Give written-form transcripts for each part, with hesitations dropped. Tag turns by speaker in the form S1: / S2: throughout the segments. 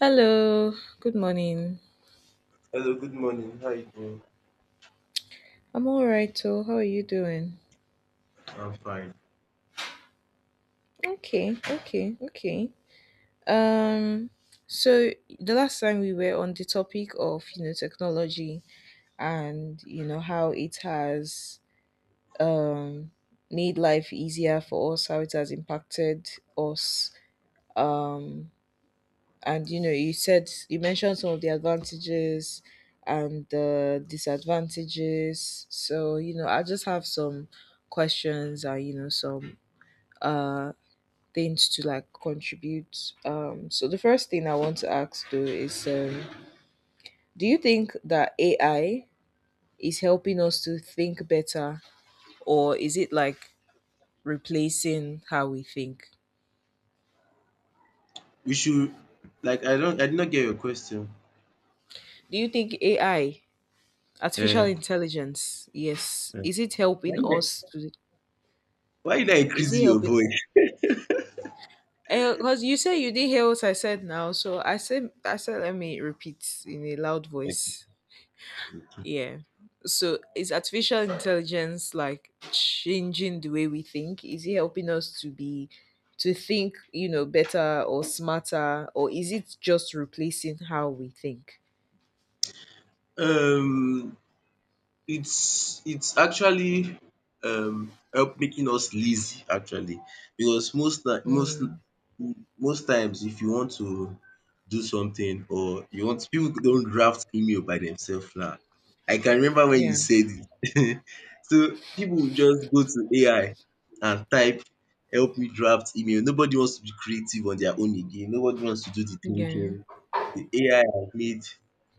S1: Hello, good morning.
S2: Hello, good morning. How are you doing?
S1: I'm all right, so how are you doing?
S2: I'm fine.
S1: Okay, okay, okay. Um, so the last time we were on the topic of, you know, technology and, you know, how it has um made life easier for us, how it has impacted us. Um, and you know you said you mentioned some of the advantages and the disadvantages, so you know I just have some questions and you know some uh things to like contribute, so the first thing I want to ask though is do you think that AI is helping us to think better, or is it like replacing how we think?
S2: We should like I don't I did not get your question.
S1: Do you think AI, artificial
S2: Uh,
S1: intelligence, yes,
S2: uh,
S1: is it
S2: why
S1: helping
S2: did
S1: us
S2: I
S1: to?
S2: Why you not
S1: Is he
S2: increasing your
S1: helping?
S2: voice?
S1: Because you say you didn't hear what I said now, so I said let me repeat in a loud
S2: Thank you.
S1: voice. Yeah. So is artificial intelligence like changing the way we think? Is it helping us to be, to think, you know, better or smarter, or is it just replacing how we think?
S2: Um it's actually help making us lazy actually because most ti most
S1: Mm,
S2: most times if you want to do something or you want people don't draft email by themselves now. I can remember when you
S1: yeah,
S2: said it. So people will just go to AI and type help me draft email. Nobody wants to be creative on their own again. Nobody wants to do the
S1: yeah,
S2: thinking. The AI has made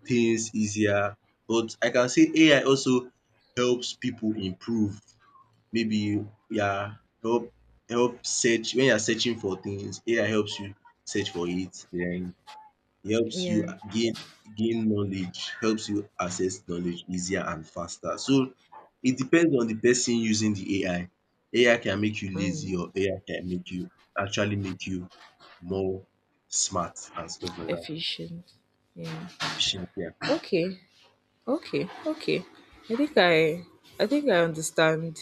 S2: things easier, but I can say AI also helps people improve. Maybe you are help search when you are searching for things, AI helps you search for it, then it helps you
S1: yeah.
S2: gain knowledge, helps you access knowledge easier and faster. So it depends on the person using the AI. AI can make you lazy,
S1: Mm,
S2: or AI can make you actually make you more smart and stuff like that.
S1: efficient. Yeah.
S2: Efficient, yeah.
S1: Okay. Okay. Okay. I think I I think I understand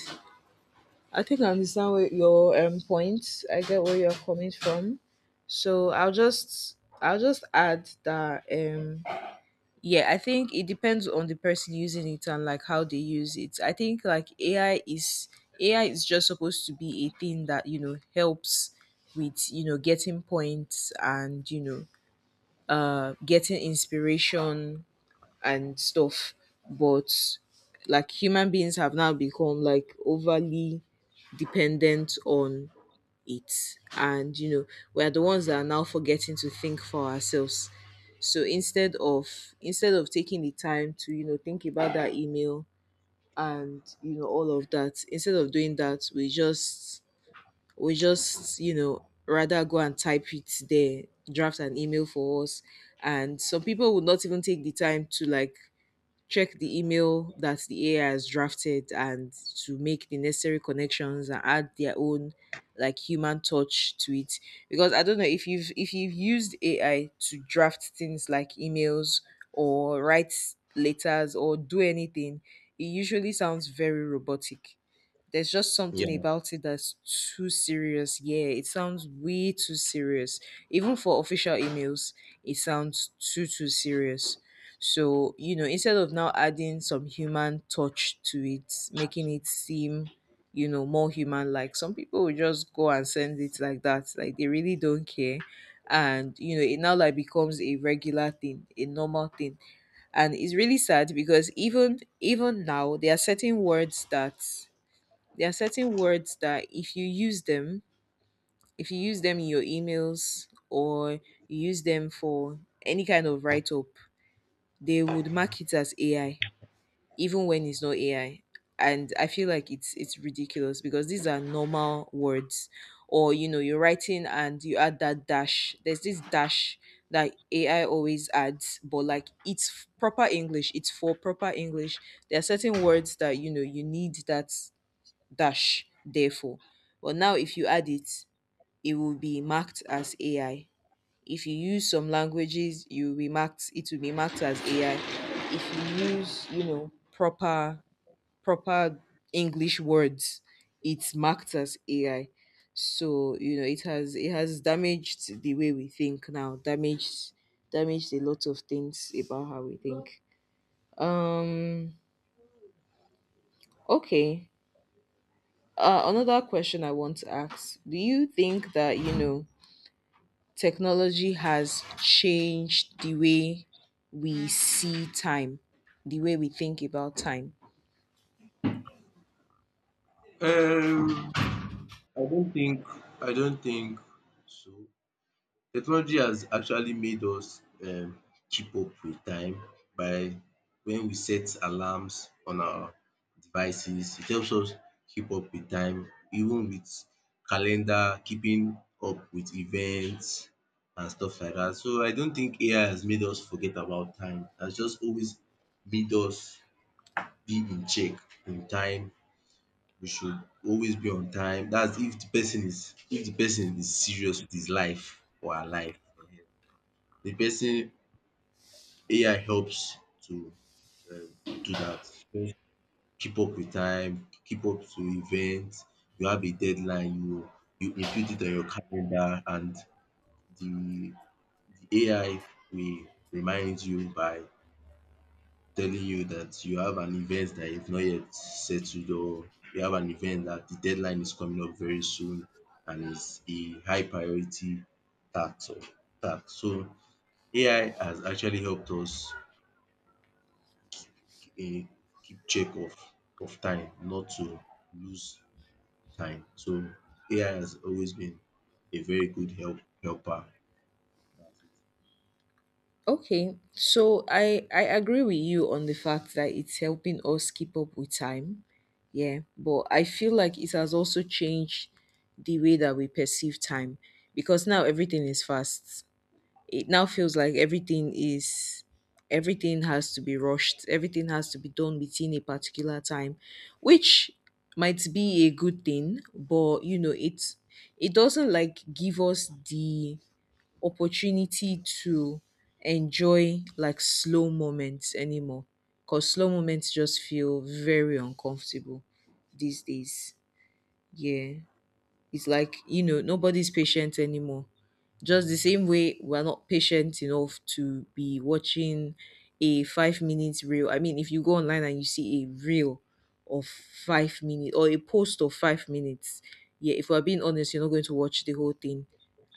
S1: I think I understand what your point. I get where you're coming from. So I'll just add that yeah, I think it depends on the person using it and like how they use it. I think like AI is just supposed to be a thing that, you know, helps with, you know, getting points and, you know, getting inspiration and stuff. But like human beings have now become like overly dependent on it, and you know we are the ones that are now forgetting to think for ourselves, so instead of taking the time to, you know, think about that email and, you know, all of that. Instead of doing that, we just, you know, rather go and type it there, draft an email for us, and some people would not even take the time to like check the email that the AI has drafted and to make the necessary connections and add their own like human touch to it. Because I don't know if you've used AI to draft things like emails or write letters or do anything, it usually sounds very robotic. There's just something
S2: Yeah.
S1: about it that's too serious. Yeah, it sounds way too serious. Even for official emails, it sounds too serious. So, you know, instead of now adding some human touch to it, making it seem, you know, more human like, some people will just go and send it like that. Like they really don't care. And you know, it now like becomes a regular thing, a normal thing. And it's really sad because even now there are certain words that, there are certain words that if you use them, if you use them in your emails or you use them for any kind of write up, they would mark it as AI, even when it's not AI. And I feel like it's ridiculous because these are normal words. Or you know, you're writing and you add that dash. There's this dash that AI always adds, but like it's proper English, it's for proper English. There are certain words that you know you need that dash, therefore. But now if you add it, it will be marked as AI. If you use some languages, you will be marked it will be marked as AI. If you use, you know, proper English words, it's marked as AI. So, you know, it has damaged the way we think now, damaged a lot of things about how we think. Um okay. Another question I want to ask: do you think that, you know, technology has changed the way we see time, the way we think about time?
S2: Um, I don't think I don't think so. Technology has actually made us, keep up with time by when we set alarms on our devices. It helps us keep up with time, even with calendar, keeping up with events and stuff like that. So I don't think AI has made us forget about time. It has just always made us be in check in time. We should always be on time. That's if the person is serious with his life or her life. The person AI helps to um do that. So, keep up with time, keep up to events. You have a deadline, you input it on your calendar and the the AI will remind you by telling you that you have an event that you've not yet settled, or you have an event that the deadline is coming up very soon and is a high priority task or task. So AI has actually helped us um keep check of time, not to lose time. So AI has always been a very good helper.
S1: Okay, so I agree with you on the fact that it's helping us keep up with time. Yeah, but I feel like it has also changed the way that we perceive time, because now everything is fast. It now feels like everything is, everything has to be rushed, everything has to be done within a particular time, which might be a good thing, but you know it, it doesn't like give us the opportunity to enjoy like slow moments anymore, because slow moments just feel very uncomfortable these days. Yeah, it's like, you know, nobody's patient anymore. Just the same way we're not patient enough to be watching a 5 minutes reel. I mean, if you go online and you see a reel of 5 minutes or a post of 5 minutes, yeah, if we're being honest, you're not going to watch the whole thing.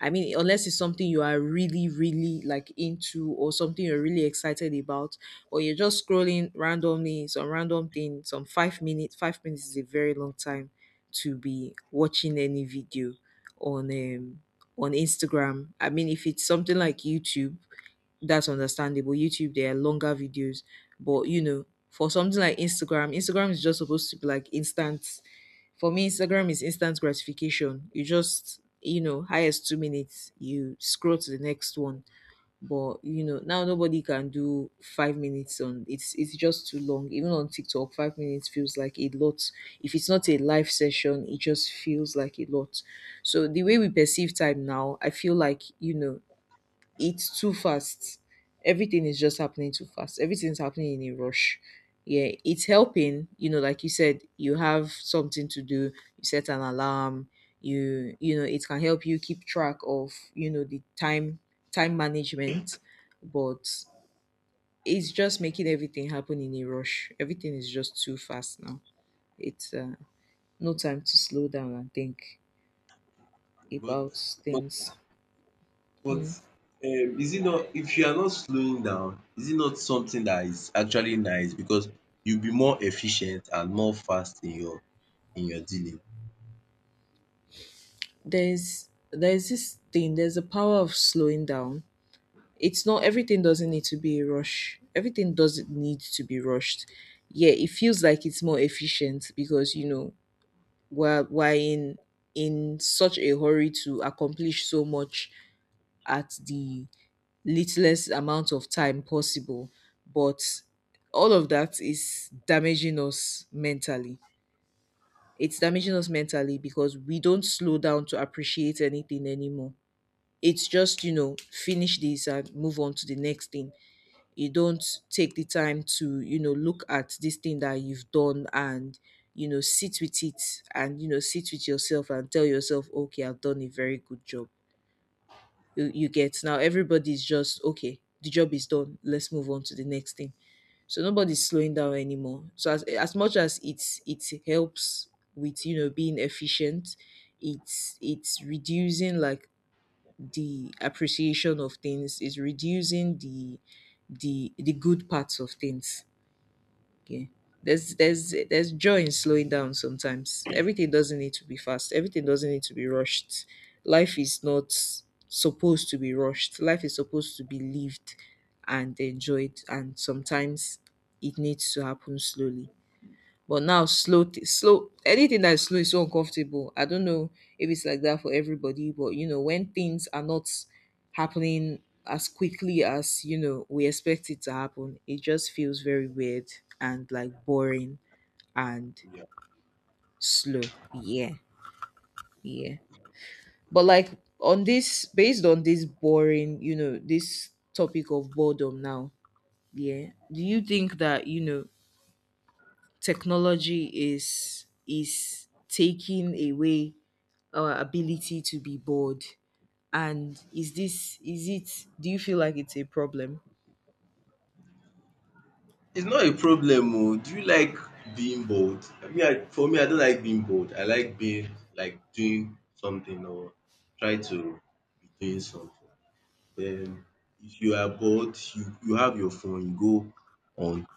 S1: I mean, unless it's something you are really, really like into or something you're really excited about, or you're just scrolling randomly, some random thing, some 5 minutes, 5 minutes is a very long time to be watching any video on um on Instagram. I mean, if it's something like YouTube, that's understandable. YouTube, there are longer videos, but you know, for something like Instagram, Instagram is just supposed to be like instant. For me, Instagram is instant gratification. You just you know, highest 2 minutes, you scroll to the next one. But you know, now nobody can do 5 minutes on it's just too long. Even on TikTok, 5 minutes feels like a lot. If it's not a live session, it just feels like a lot. So the way we perceive time now, I feel like, you know, it's too fast. Everything is just happening too fast. Everything's happening in a rush. Yeah, it's helping. You know, like you said, you have something to do. You set an alarm. You know, it can help you keep track of, you know, the time management, but it's just making everything happen in a rush. Everything is just too fast now. It's no time to slow down and think
S2: But
S1: about
S2: but
S1: things.
S2: But
S1: Hmm.
S2: um, is it not, if you are not slowing down, is it not something that is actually nice because you'll be more efficient and more fast in your dealing.
S1: There's this thing, there's a power of slowing down. It's not, everything doesn't need to be a rush, everything doesn't need to be rushed. Yeah, it feels like it's more efficient because you know we're in such a hurry to accomplish so much at the littlest amount of time possible, but all of that is damaging us mentally. It's damaging us mentally because we don't slow down to appreciate anything anymore. It's just, you know, finish this and move on to the next thing. You don't take the time to, you know, look at this thing that you've done, and, you know, sit with it and, you know, sit with yourself and tell yourself, okay, I've done a very good job. You get, now everybody's just, okay, the job is done. Let's move on to the next thing. So nobody's slowing down anymore. So as much as it's, it helps with you know being efficient, it's reducing like the appreciation of things is reducing the, the good parts of things. Okay, there's joy in slowing down sometimes. Everything doesn't need to be fast, everything doesn't need to be rushed. Life is not supposed to be rushed, life is supposed to be lived and enjoyed, and sometimes it needs to happen slowly. But now slow, anything that is slow is so uncomfortable. I don't know if it's like that for everybody, but you know, when things are not happening as quickly as, you know, we expect it to happen, it just feels very weird and like boring and
S2: Yeah.
S1: slow. Yeah. Yeah. But like on this, based on this boring, you know, this topic of boredom now, yeah. Do you think that, you know, technology is taking away our ability to be bored? And is this, is it, do you feel like it's a problem?
S2: It's not a problem oh. Do you like being bold? I mean, I for me I don't like being bold. I like being like doing something, or try to be doing something. Then if you are bored, you have your phone, you go on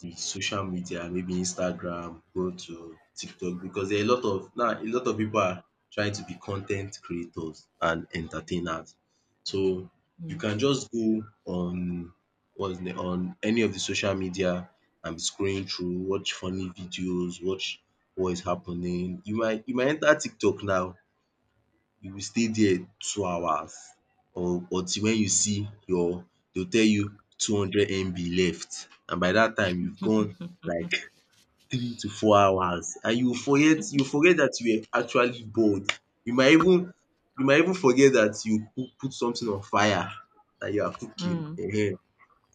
S2: the social media, maybe Instagram, go to TikTok, because there are a lot of, now a lot of people are trying to be content creators and entertainers. So you
S1: Mm.
S2: can just go on what's the on any of the social media and be scrolling through, watch funny videos, watch what is happening. You might enter TikTok now, you will stay there 2 hours, or until when you see your they will tell you 200 MB left, and by that time you've gone like 3 to 4 hours, and you forget that you were actually bored. You might even you might even forget that you put something on fire that you are cooking
S1: Mm.
S2: um.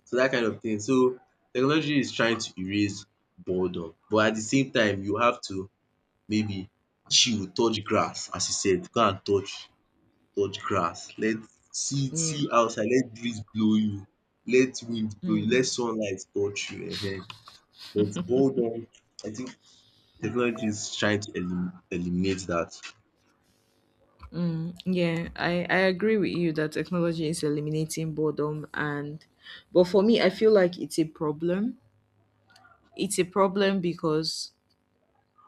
S2: So that kind of thing. So technology is trying to erase boredom, but at the same time you have to maybe chill, touch grass. As you said, go and touch grass, let see
S1: Yeah.
S2: see outside, let breeze blow you, let wind blow you, let sunlight touch you. But hold on, I think technology is trying to eliminate that.
S1: Mm, yeah, I agree with you that technology is eliminating boredom, and but for me I feel like it's a problem. It's a problem because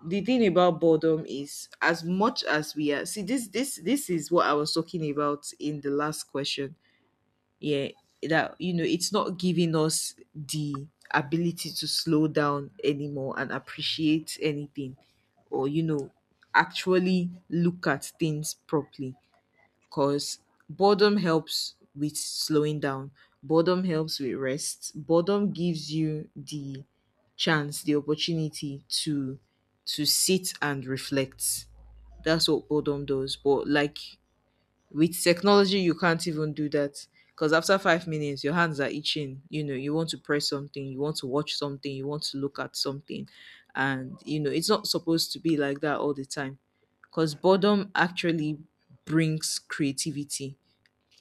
S1: the thing about boredom is, as much as we are see this, this is what I was talking about in the last question. Yeah, that you know it's not giving us the ability to slow down anymore and appreciate anything, or you know actually look at things properly, because boredom helps with slowing down, boredom helps with rest. Boredom gives you the chance, the opportunity to sit and reflect. That's what boredom does, but like with technology, you can't even do that because after 5 minutes, your hands are itching. You know, you want to press something, you want to watch something, you want to look at something, and you know, it's not supposed to be like that all the time because boredom actually brings creativity.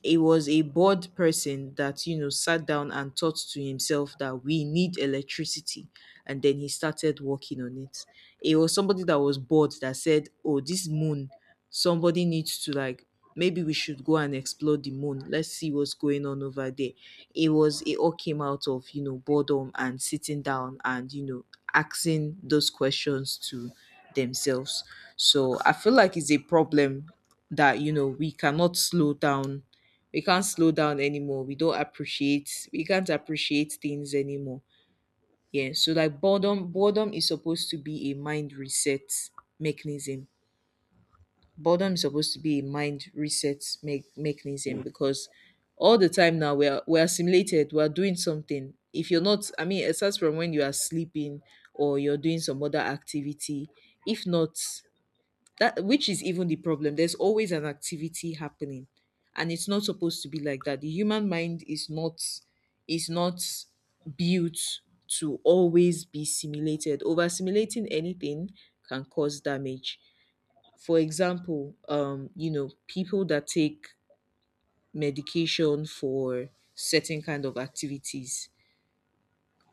S1: He was a bored person that, you know, sat down and thought to himself that we need electricity. And then he started working on it. He was somebody that was bored that said, oh, this moon, somebody needs to like, maybe we should go and explore the moon. Let's see what's going on over there. It was, it all came out of, you know, boredom and sitting down and, you know, asking those questions to themselves. So I feel like it's a problem that you know we cannot slow down, we can't slow down anymore. We don't appreciate, we can't appreciate things anymore. Yeah. So like boredom is supposed to be a mind reset mechanism. Boredom is supposed to be a mind reset mechanism because all the time now we are simulated, we are doing something. If you're not, I mean, aside from when you are sleeping or you're doing some other activity, if not that, which is even the problem, there's always an activity happening and it's not supposed to be like that. The human mind is not built to always be simulated. Over simulating anything can cause damage. For example, you know, people that take medication for certain kind of activities,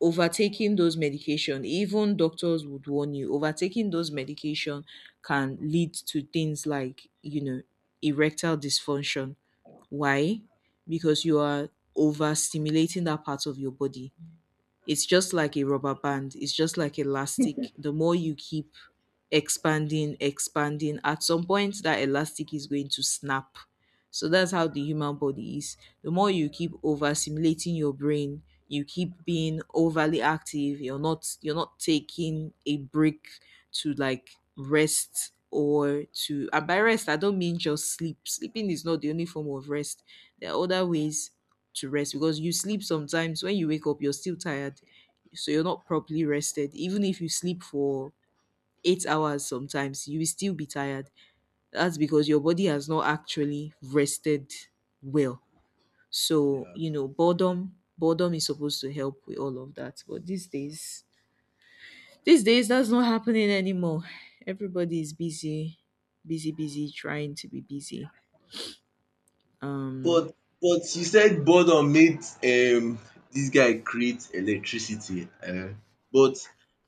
S1: overtaking those medication, even doctors would warn you overtaking those medication can lead to things like, you know, erectile dysfunction. Why? Because you are overstimulating that part of your body. It's just like a rubber band, it's just like elastic. The more you keep expanding, at some point that elastic is going to snap. So that's how the human body is. The more you keep over stimulating your brain, you keep being overly active, you're not taking a break to like rest. Or to, and by rest I don't mean just sleep. Sleeping is not the only form of rest, there are other ways to rest, because you sleep sometimes, when you wake up you're still tired. So you're not properly rested. Even if you sleep for 8 hours, sometimes you will still be tired. That's because your body has not actually rested well. So
S2: Yeah.
S1: you know, boredom is supposed to help with all of that, but these days, these days that's not happening anymore. Everybody is busy, busy, busy trying to be busy. um
S2: But but you said boredom made this guy create electricity, but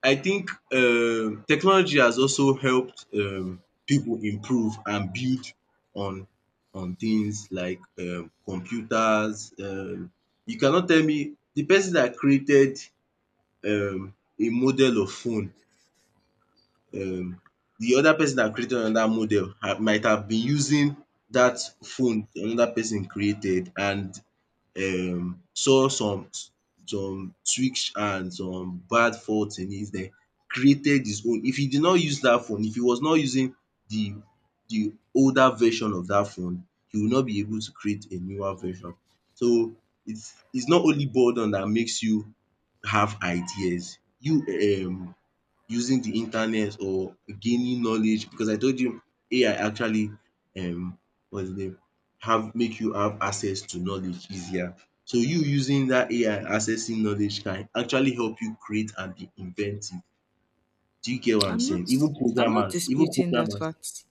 S2: I think technology has also helped people improve and build on on things like computers. You cannot tell me, the person that created um a model of phone, um the other person that created another model ha might have been using that phone another person created, and saw some tweaks and some bad faults in it, then created his own. If he did not use that phone, if he was not using the the older version of that phone, he will not be able to create a newer version. So it's not only boredom that makes you have ideas. You, um using the internet or gaining knowledge, because I told you AI actually, um what's the name have make you have access to knowledge easier. So you using that AI, accessing knowledge, can actually help you create and be inventive. Do you get what I'm
S1: i'm not
S2: saying? Even
S1: I'm not
S2: programmers, even
S1: disputing that
S2: programmers.
S1: fact.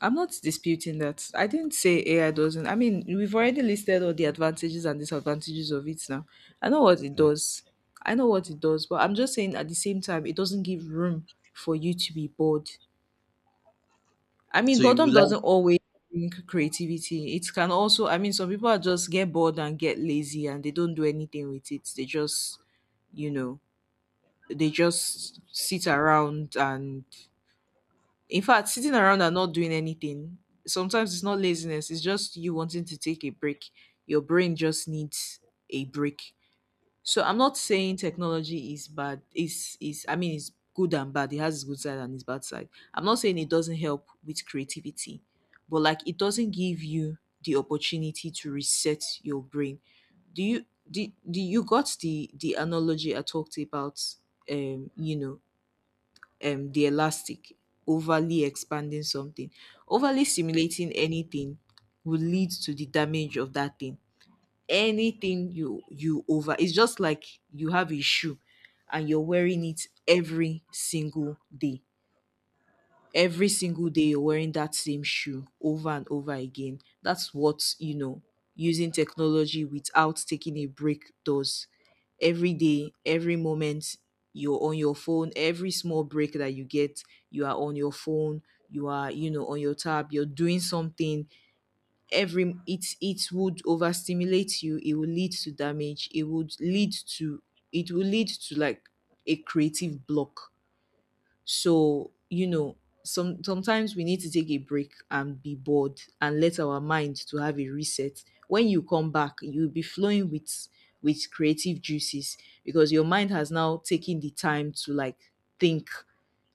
S1: I'm not disputing that. I didn't say AI doesn't. I mean, we've already listed all the advantages and disadvantages of it now. I know what it
S2: Um
S1: does. I know what it does, but I'm just saying at the same time, it doesn't give room for you to be bored. I mean,
S2: So you
S1: boredom
S2: would
S1: doesn't
S2: like
S1: always bring creativity. It can also, I mean, some people are just get bored and get lazy and they don't do anything with it. They just, you know, they just sit around and in fact, sitting around and not doing anything, sometimes it's not laziness, it's just you wanting to take a break. Your brain just needs a break. So I'm not saying technology is bad. It's is, I mean it's good and bad. It has its good side and its bad side. I'm not saying it doesn't help with creativity, but like it doesn't give you the opportunity to reset your brain. Do you do, do you got the analogy I talked about, you know, the elastic, overly expanding something, overly stimulating anything will lead to the damage of that thing. Anything you you over, it's just like you have a shoe and you're wearing it every single day, every single day you're wearing that same shoe over and over again. That's what, you know, using technology without taking a break does. Every day, every moment, you're on your phone. Every small break that you get, you are on your phone. You are, you know, on your tab. You're doing something. Every it it would overstimulate you. It will lead to damage. It would lead to, it will lead to like a creative block. So, you know, sometimes we need to take a break and be bored and let our mind to have a reset. When you come back, you'll be flowing with creative juices because your mind has now taken the time to like think,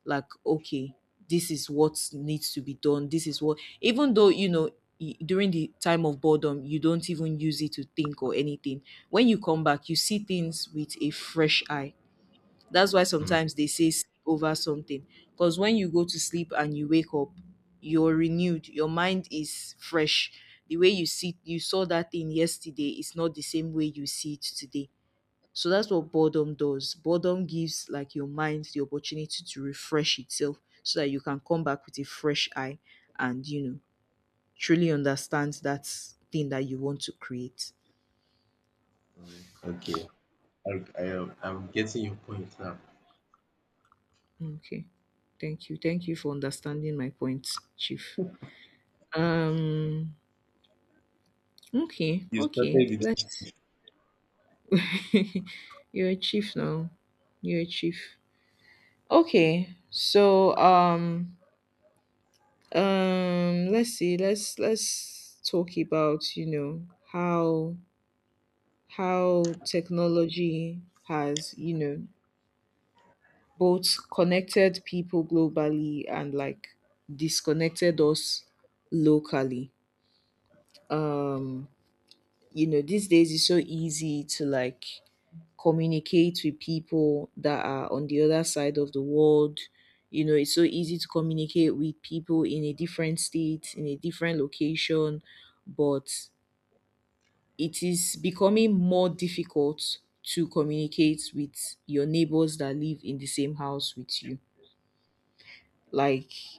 S1: like okay, this is what needs to be done. This is what, even though, you know, during the time of boredom, you don't even use it to think or anything. When you come back, you see things with a fresh eye. That's why
S2: um
S1: sometimes they say sleep over something. Because when you go to sleep and you wake up, you're renewed. Your mind is fresh. The way you see you saw that thing yesterday is not the same way you see it today. So that's what boredom does. Boredom gives like your mind the opportunity to refresh itself so that you can come back with a fresh eye and you know truly understand that thing that you want to create.
S2: okay, I'm getting your point now.
S1: Okay. Thank you. Thank you for understanding my point, Chief. Um Okay,
S2: You
S1: okay.
S2: started
S1: Let's you're a chief now. You're a chief. Okay. So let's see, let's talk about, you know, how technology has, you know, both connected people globally and like disconnected us locally. You know, these days it's so easy to like communicate with people that are on the other side of the world. You know, it's so easy to communicate with people in a different state, in a different location, but it is becoming more difficult to communicate with your neighbors that live in the same house with you. Like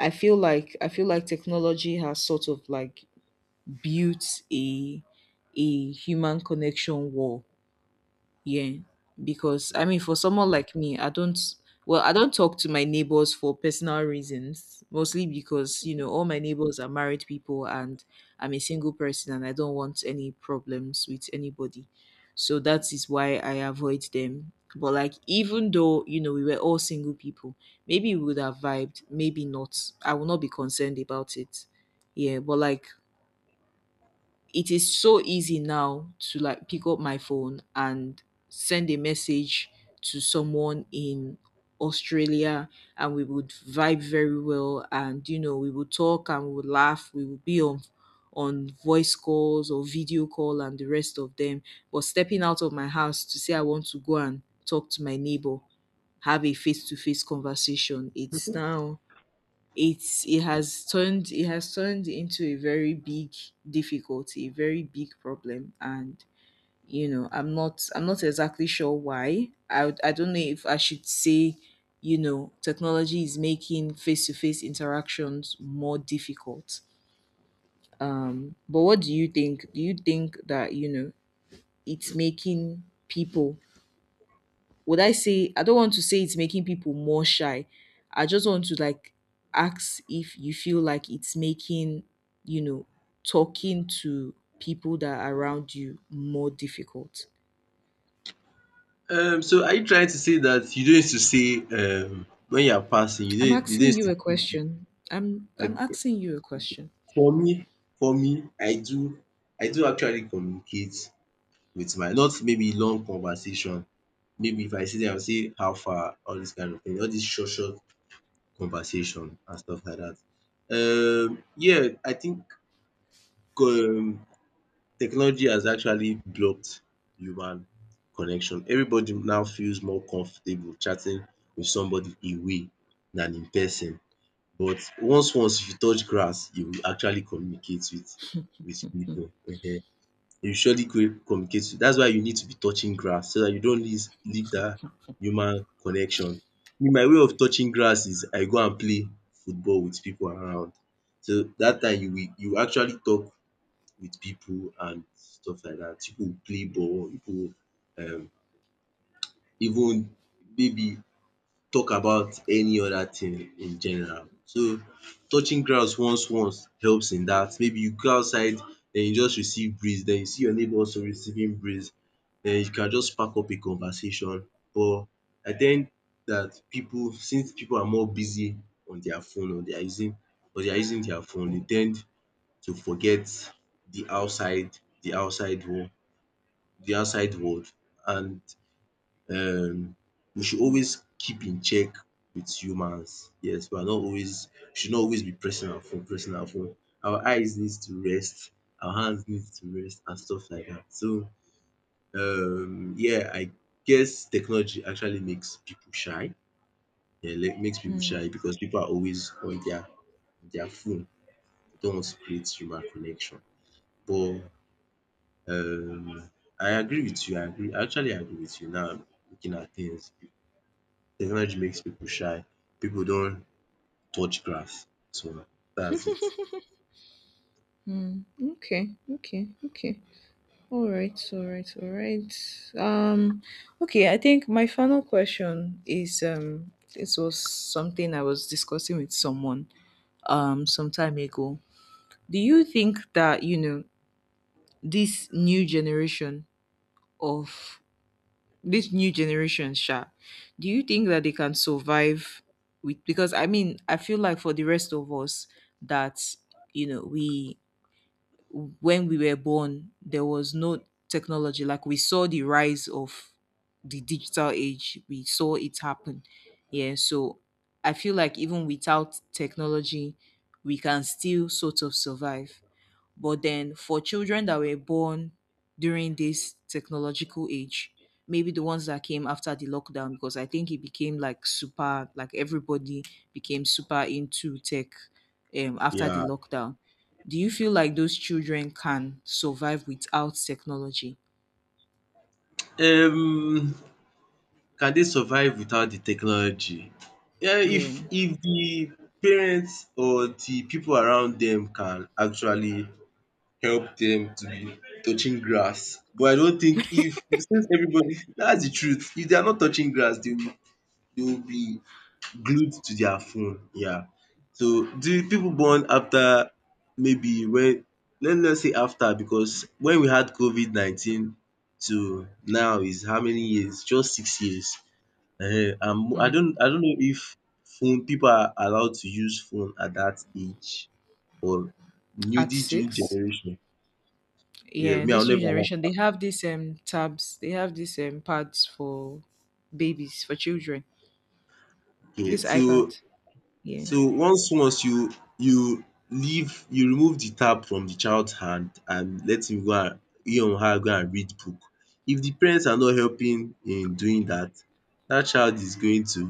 S1: I feel like technology has sort of like built a human connection wall. Yeah, because I mean,
S2: with.
S1: for someone like me, I don't. Well, I don't talk to my neighbors for personal reasons, mostly because you know all my neighbors are married people, and I'm a single person, and I don't want any problems with anybody. So that is why I avoid them. But like, even though you know we were all single people, maybe we would have vibed, maybe not. I will not be concerned about it. Yeah, but like it is so easy now to like pick up my phone and send a message to someone in Australia and we would vibe very well and you know we would talk and we would laugh, we would be on voice calls or video call and the rest of them. But stepping out of my house to say I want to go and talk to my neighbor, have a face to face conversation, it's now, it has turned, it has turned into a very big difficulty, a very big problem. And you know, I'm not exactly sure why I don't know if I should say, you know, technology is making face-to-face interactions more difficult. But what do you think? Do you think that, you know, it's making people, would I say, I don't want to say it's making people more shy. I just want to like ask if you feel like it's making, you know, talking to people that are around you more difficult.
S2: So are you trying to say that you don't need to say when you are passing, you
S1: I'm
S2: don't you don't
S1: asking
S2: need
S1: you
S2: to
S1: a
S2: keep you,
S1: question. I'm
S2: okay.
S1: asking you a question.
S2: For me, for me, I do actually communicate with my, not maybe long conversation. Maybe if I see them, I'll say how far, all this kind of thing, all this short conversation and stuff like that. Yeah, I think, um technology has actually blocked human connection. Everybody now feels more comfortable chatting with somebody away than in person. But once if you touch grass, you will actually communicate with people. Ehen. You surely go communicate. That's why you need to be touching grass so that you don't lose leave that human connection. Me, my way of touching grass is I go and play football with people around. So that time you will actually talk with people and stuff like that, people go play ball, people go um even, maybe, talk about any other thing in general. So touching grounds once helps in that. Maybe you go outside, then you just receive breeze, then you see your neighbour also receiving breeze, then you can just spark up a conversation. But I think that people, since people are more busy on their phone, or they are using their phone, they tend to forget the outside world the outside world, and um we should always keep in check with humans. Yes, we should not always be pressing our phone. Our eyes needs to rest, our hands needs to rest and stuff like that. So yeah, I guess technology actually makes people shy. Yeah, like makes people
S1: Hmm.
S2: shy because people are always on their phone. They don't want to create human connection. But Um, I agree with you. I agree. I actually agree with you now. I'm looking at things, technology makes people shy. People don't touch grass. So that's it.
S1: Hmm. Okay. Okay. Okay. All right. All right. All right. Okay. I think my final question is. This was something I was discussing with someone some time ago. Do you think that, you know, this new generation of Sha, do you think that they can survive with, because I mean, I feel like for the rest of us that, you know, we when we were born, there was no technology. Like we saw the rise of the digital age, we saw it happen. Yeah. So I feel like even without technology, we can still sort of survive. But then for children that were born during this technological age, maybe the ones that came after the lockdown, because I think it became like super, like everybody became super into tech, after the
S2: Yeah.
S1: lockdown. Do you feel like those children can survive without technology?
S2: Um, can they survive without the technology? Yeah, if
S1: Yeah.
S2: if the parents or the people around them can actually help them to be touching grass. But I don't think, if, because since everybody, that's the truth. If they are not touching grass, they will be glued to their phone. Yeah. So the people born after, maybe when, let's say after, because when we had COVID 19 to now is how many years? Just 6 years. Ehen. And I
S1: Mm.
S2: don't I don't know if phone people are allowed to use phone at that age, or new
S1: At
S2: this new
S1: six?
S2: generation. Yeah,
S1: Yeah,
S2: me I will
S1: this
S2: never
S1: new
S2: even
S1: generation, they
S2: allow.
S1: have these tabs, they have these pads for babies, for children.
S2: Okay,
S1: This
S2: so
S1: iPad. Yeah.
S2: So once you remove the tab from the child's hand and let him go, and he or her go and read book. If the parents are not helping in doing that, that child is going to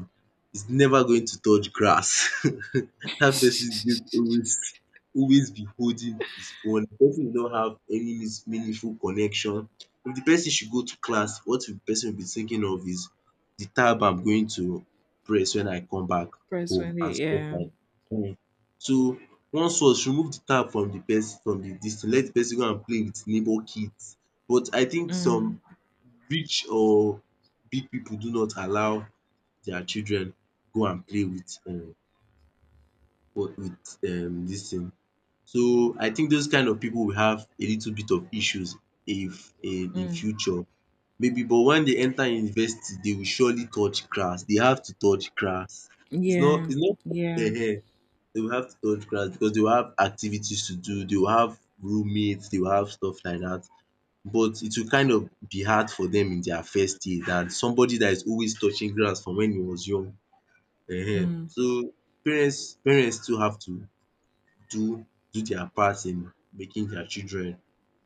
S2: is never going to touch grass. That person is going to always be holding his phone. The person will not have any means meaningful connection. If the person should go to class, what the person will be thinking of is, the tab I'm going to press when I come back
S1: Press when
S2: home
S1: they
S2: and stuff
S1: yeah.
S2: like dat. So once was remove the tab from the dis thing, let di person go and play with neighbour kids. But I think
S1: Mm,
S2: some rich or big people do not allow their children go and play with, what with dis thing. So I think those kind of people will have a little bit of issues if in
S1: mm,
S2: future, maybe, but when they enter university they will surely touch grass. They have to touch grass.
S1: yeah.
S2: It's not
S1: Yeah.
S2: um they will have to touch grass because they will have activities to do, they will have roommates, they will have stuff like that. But it will kind of be hard for them in their first year than somebody that is always touching grass from when he was young. Ehen.
S1: Mm,
S2: So parents too have to do do their part in making their children,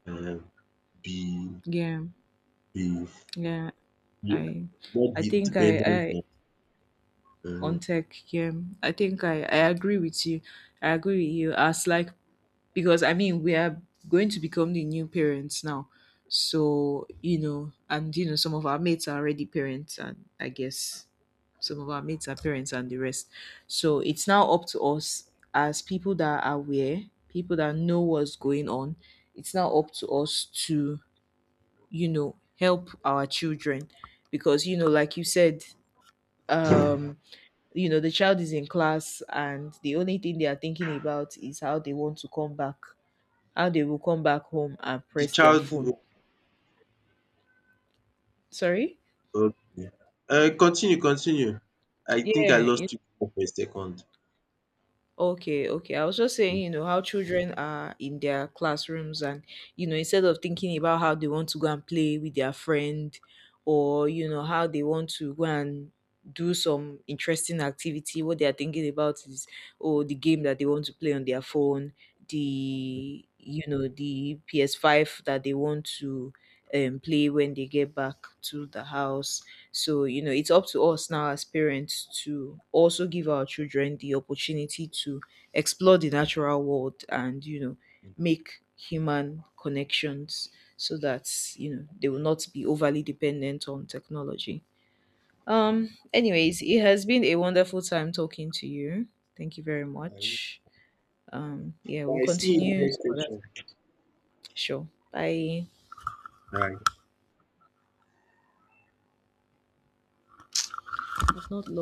S2: um be
S1: yeah.
S2: be
S1: Yeah.
S2: be
S1: I
S2: not
S1: I
S2: be
S1: think I
S2: dependent
S1: I
S2: on,
S1: on
S2: um
S1: tech, yeah. I think I agree with you. I agree with you. As like, because I mean we are going to become the new parents now. So you know, and you know, some of our mates are already parents, and I guess some of our mates are parents, and the rest. So it's now up to us as people that are aware, people that know what's going on. It's now up to us to you know help our children because you know, like you said, um, you know, the child is in class, and the only thing they are thinking about is how they want to come back, how they will come back home and
S2: the
S1: press their
S2: child,
S1: phone. Sorry?
S2: um continue. I think I
S1: Yeah.
S2: lost you for a second.
S1: Okay. Okay. I was just saying, you know, how children are in their classrooms and, you know, instead of thinking about how they want to go and play with their friend or, you know, how they want to go and do some interesting activity, what they are thinking about is, oh, the game that they want to play on their phone, the, you know, the PS5 that they want to play when they get back to the house. So, you know, it's up to us now as parents to also give our children the opportunity to explore the natural world and, you know, make human connections so that, you know, they will not be overly dependent on technology. Anyways, it has been a wonderful time talking to you. Thank you very much. Yeah, we'll
S2: I see you in the
S1: continue
S2: next
S1: some other time.
S2: section.
S1: Sure. Bye.
S2: All right.
S1: It's not long.